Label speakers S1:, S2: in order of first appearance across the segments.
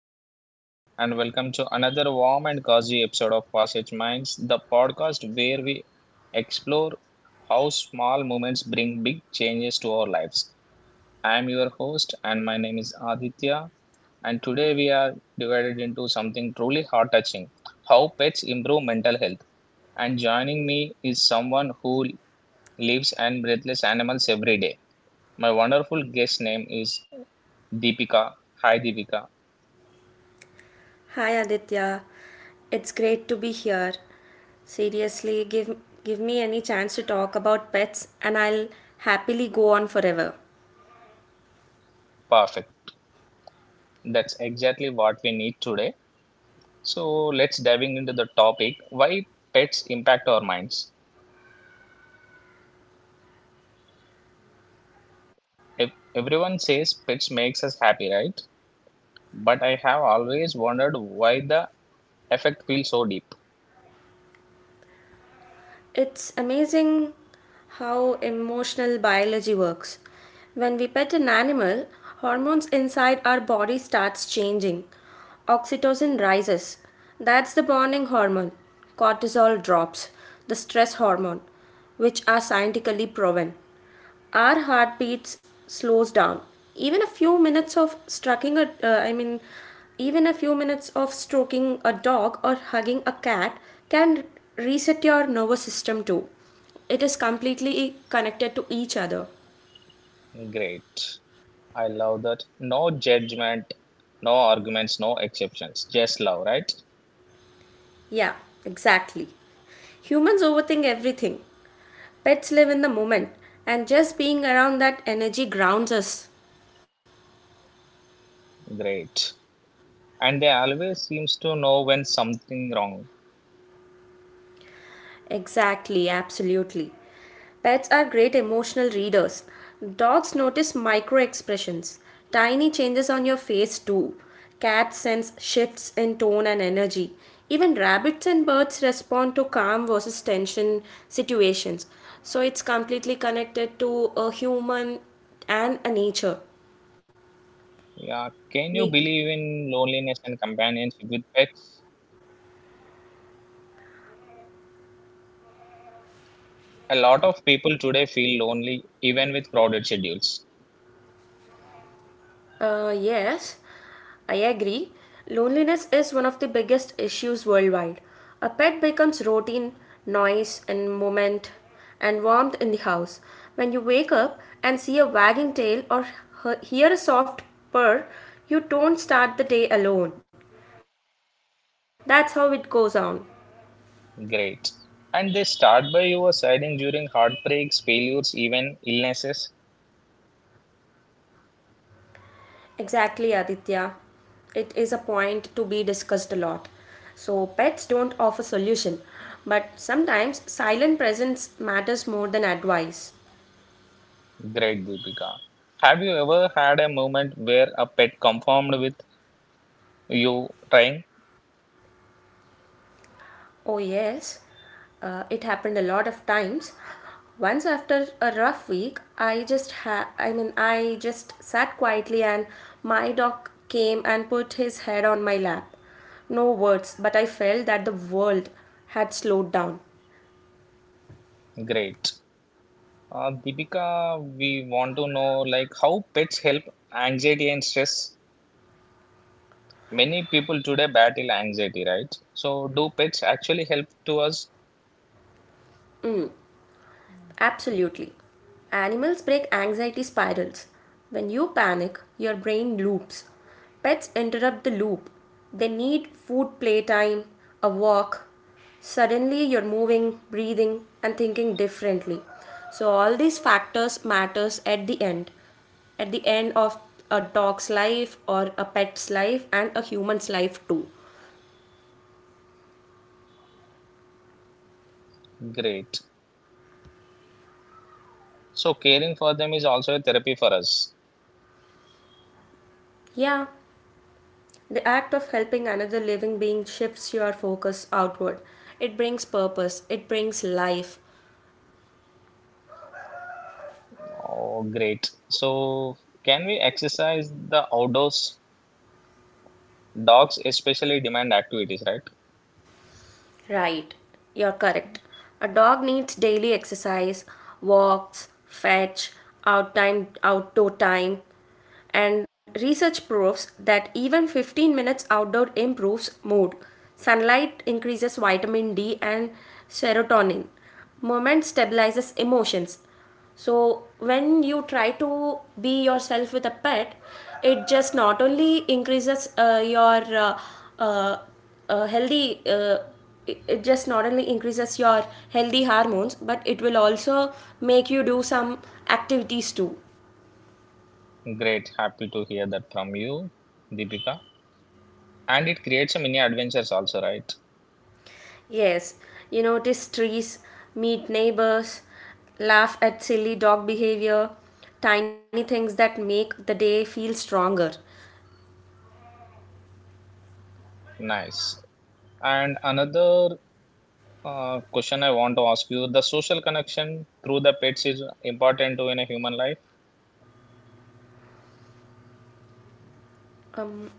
S1: Hello, everyone, and welcome to another warm and cozy episode of Passage Minds, the podcast where we explore how small moments bring big changes to our lives. I am your host, and my name is Aditya. And today we are divided into something truly heart touching how pets improve mental health. And joining me is someone who lives and breathes animals every day. My wonderful guest name is Deepika. Hi, Deepika.
S2: Hi Aditya, it's great to be here. Seriously, give me any chance to talk about pets and I'll happily go on forever.
S1: Perfect. That's exactly what we need today. So let's diving into the topic why pets impact our minds. If everyone says pets makes us happy, right? But I have always wondered why the effect feels so deep.
S2: It's amazing how emotional biology works. When we pet an animal, hormones inside our body starts changing. Oxytocin rises. That's the bonding hormone. Cortisol drops, the stress hormone, which are scientifically proven. Our heartbeats slows down even a few minutes of stroking a even a few minutes of stroking a dog or hugging a cat can reset your nervous system too. It is completely connected to each other.
S1: Great. I love that. No judgment, no arguments, no exceptions. Just love, right?
S2: Yeah, exactly. Humans overthink everything. Pets live in the moment, and just being around that energy grounds us.
S1: Great. And they always seems to know when something wrong.
S2: Exactly, absolutely. Pets are great emotional readers. Dogs notice micro expressions, tiny changes on your face too. Cats sense shifts in tone and energy. Even rabbits and birds respond to calm versus tension situations. So it's completely connected to a human and a nature.
S1: Yeah, can
S2: Ne-
S1: you believe in loneliness and companionship with pets? A lot of people today feel lonely even with crowded schedules.
S2: yes, I agree. Loneliness is one of the biggest issues worldwide. A pet becomes routine, noise, and movement, and warmth in the house. When you wake up and see a wagging tail or hear a soft purr, you don't start the day alone. That's how it goes on.
S1: Great. And they start by you siding during heartbreaks, failures, even illnesses.
S2: Exactly, Aditya. It is a point to be discussed a lot. So, pets don't offer solution, but sometimes silent presence matters more than advice.
S1: Great, Deepika. Have you ever had a moment where a pet conformed with you trying?
S2: Oh, yes, it happened a lot of times. Once after a rough week, I just ha- I mean, I just sat quietly and my dog came and put his head on my lap. No words, but I felt that the world had slowed down.
S1: Great. Deepika, we want to know like how pets help anxiety and stress. Many people today battle anxiety, right? So, do pets actually help to us?
S2: Absolutely. Animals break anxiety spirals. When you panic, your brain loops. Pets interrupt the loop. They need food, playtime, a walk. Suddenly you're moving, breathing and thinking differently. So all these factors matters at the end. At the end of a dog's life or a pet's life and a human's life too.
S1: Great. So, caring for them is also a therapy for us.
S2: Yeah. The act of helping another living being shifts your focus outward. It brings purpose, it brings life.
S1: Oh, great. So, can we exercise the outdoors? Dogs especially demand activities, right?
S2: Right, you're correct. A dog needs daily exercise, walks, fetch, out time, outdoor time. And research proves that even 15 minutes outdoor improves mood. Sunlight increases vitamin D and serotonin. Movement stabilizes emotions. So when you try to be yourself with a pet, it just not only increases your uh, healthy. It it just not only increases your healthy hormones, but it will also make you do some activities too.
S1: Great. Happy to hear that from you, Deepika. And it creates a mini adventures also, right?
S2: Yes, you notice trees, meet neighbors, laugh at silly dog behavior, tiny things that make the day feel stronger.
S1: Nice. And another question I want to ask you, the social connection through the pets is important to in a human life?
S2: Um,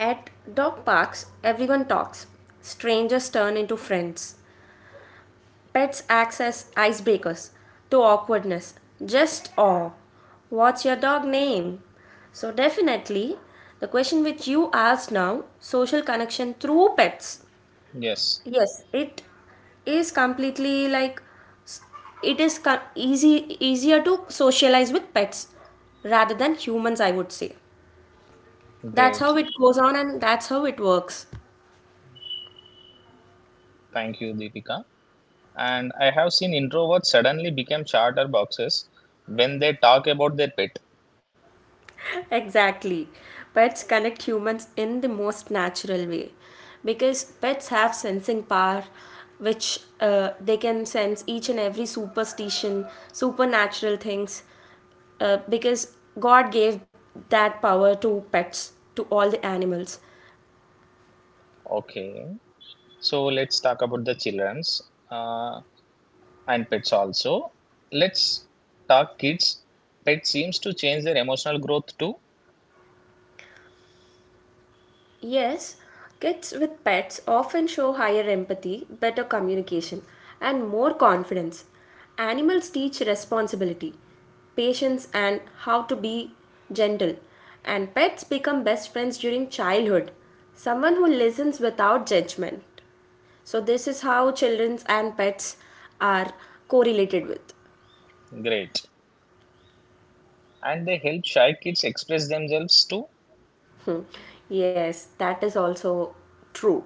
S2: At dog parks, everyone talks. Strangers turn into friends. Pets act as icebreakers to awkwardness, just awe. What's your dog name? So, definitely, the question which you asked now, social connection through pets.
S1: Yes.
S2: Yes, it is completely like, it is co- easy easier to socialize with pets rather than humans, I would say. That's
S1: Great.
S2: how it goes on and that's how it works.
S1: Thank you, Deepika. And I have seen introverts suddenly become charter boxes when they talk about their pet.
S2: Exactly. Pets connect humans in the most natural way because pets have sensing power which they can sense each and every superstition, supernatural things, because God gave that power to pets, to all the animals.
S1: Okay. So let's talk about the childrens uh, and pets also. Let's talk kids. Pets seems to change their emotional growth too.
S2: Yes, kids with pets often show higher empathy, better communication, and more confidence. Animals teach responsibility, patience, and how to be gentle. And pets become best friends during childhood. Someone who listens without judgment. So, this is how children and pets are correlated with.
S1: Great. And they help shy kids express themselves too.
S2: Yes, that is also true.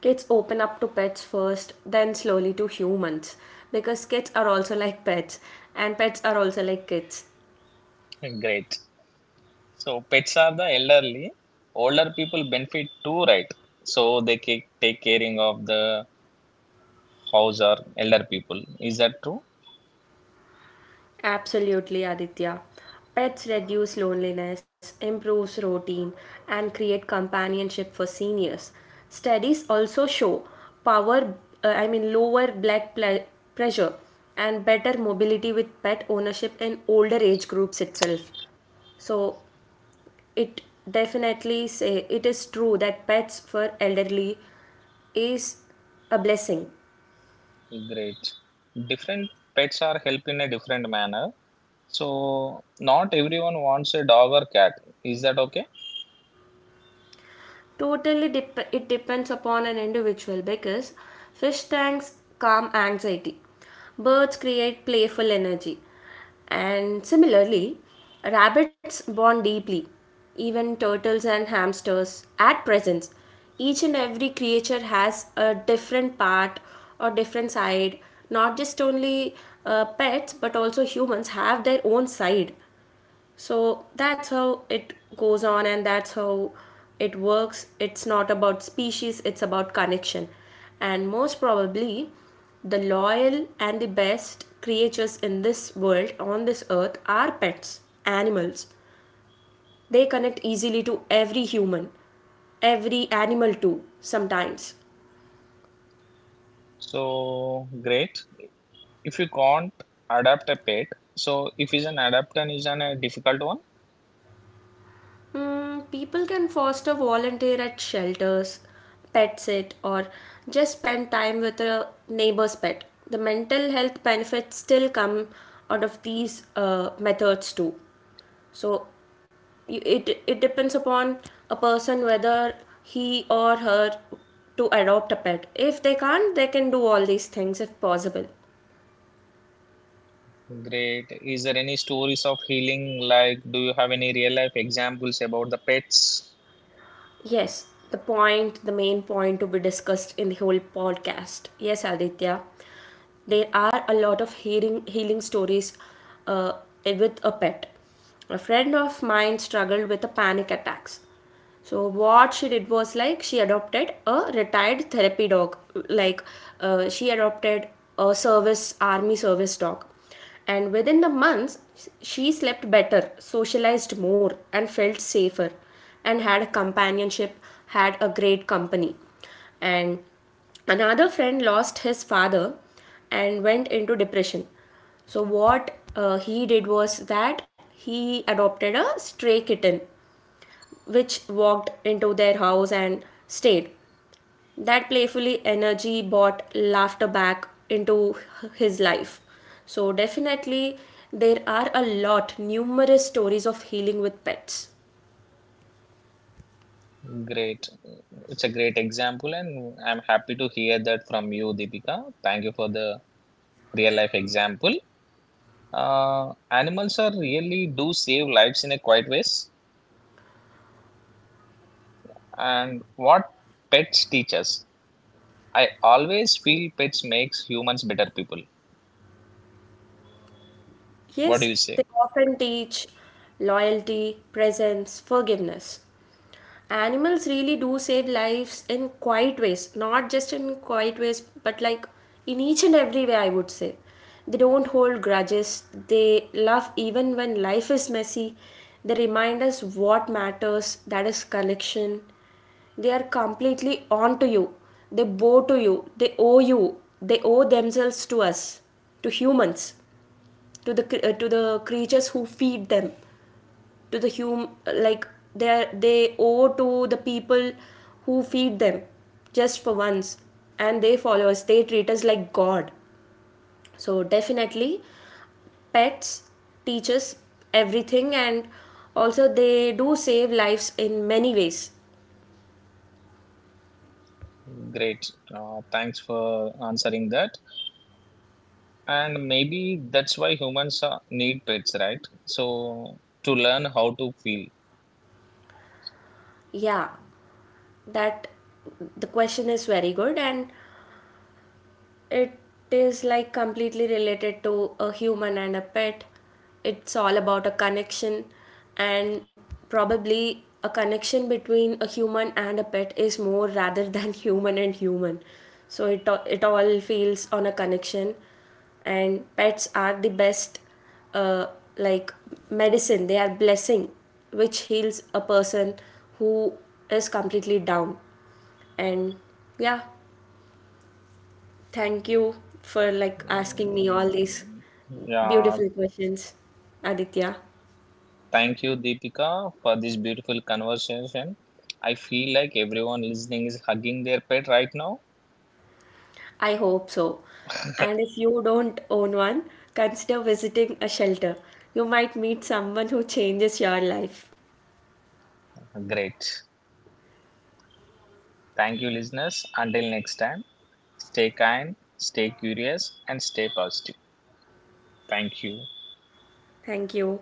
S2: Kids open up to pets first, then slowly to humans, because kids are also like pets, and pets are also like kids.
S1: Great. So pets are the elderly. Older people benefit too, right? So they take caring of the house or elder people. Is that true?
S2: Absolutely, Aditya. Pets reduce loneliness, improves routine, and create companionship for seniors. Studies also show power, I mean, lower blood ple- pressure and better mobility with pet ownership in older age groups itself. So it definitely say it is true that pets for elderly is a blessing.
S1: Great. Different pets are help in a different manner. So not everyone wants a dog or cat. Is that okay?
S2: It depends upon an individual because fish tanks calm anxiety, birds create playful energy, and similarly, rabbits bond deeply. Even turtles and hamsters, at present, each and every creature has a different part or different side. Not just only pets, but also humans have their own side, so that's how it goes on, and that's how it works. It's not about species, it's about connection. And most probably, the loyal and the best creatures in this world, on this earth, are pets, animals. They connect easily to every human, every animal, too, sometimes.
S1: So great. If you can't adapt a pet, so if is an adapt and is an a difficult one.
S2: People can foster, volunteer at shelters, pet sit, or just spend time with a neighbor's pet. The mental health benefits still come out of these methods too. So it depends upon a person whether he or her to adopt a pet. If they can't, they can do all these things if possible.
S1: Great. Is there any stories of healing? Like, do you have any real life examples about the pets?
S2: Yes, the point, the main point to be discussed in the whole podcast. Yes, Aditya, there are a lot of healing stories uh, with a pet. A friend of mine struggled with a panic attacks. So what she did was, like, she adopted a retired therapy dog, like she adopted a service army service dog, and within the months she slept better, socialized more, and felt safer, and had a companionship, had a great company. And another friend lost his father and went into depression. So what he did was that he adopted a stray kitten which walked into their house and stayed. That playfully energy brought laughter back into his life. So definitely there are a lot numerous stories of healing with pets.
S1: Great. It's a great example, and I'm happy to hear that from you, Deepika. Thank you for the real life example. Animals are really do save lives in a quiet ways, and what pets teach us. I always feel pets makes humans better people. What do
S2: Yes,
S1: you
S2: they
S1: say?
S2: often teach loyalty, presence, forgiveness. Animals really do save lives in quiet ways, not just in quiet ways, but like in each and every way, I would say. They don't hold grudges, they love even when life is messy. They remind us what matters, that is, connection. They are completely on to you, they bow to you, they owe themselves to us, to humans, to to the creatures who feed them, to the hum like they they owe to the people who feed them just for once, and they follow us, they treat us like god. So definitely pets teach us everything, and also they do save lives in many ways.
S1: Great. Thanks for answering that. And maybe that's why humans need pets, right? So to learn how to feel.
S2: Yeah, that the question is very good, and it is like completely related to a human and a pet. It's all about a connection, and probably a connection between a human and a pet is more rather than human and human. So it all feels on a connection, and pets are the best, uh, like, medicine. They are blessing, which heals a person who is completely down, and yeah, thank you for like asking me all these
S1: Mm, yeah.
S2: beautiful questions, Aditya.
S1: Thank you, Deepika, for this beautiful conversation. I feel like everyone listening is hugging their pet right now.
S2: I hope so. And if you don't own one, consider visiting a shelter. You might meet someone who changes your life.
S1: Great. Thank you, listeners. Until next time, stay kind, stay curious, and stay positive. Thank you.
S2: Thank you.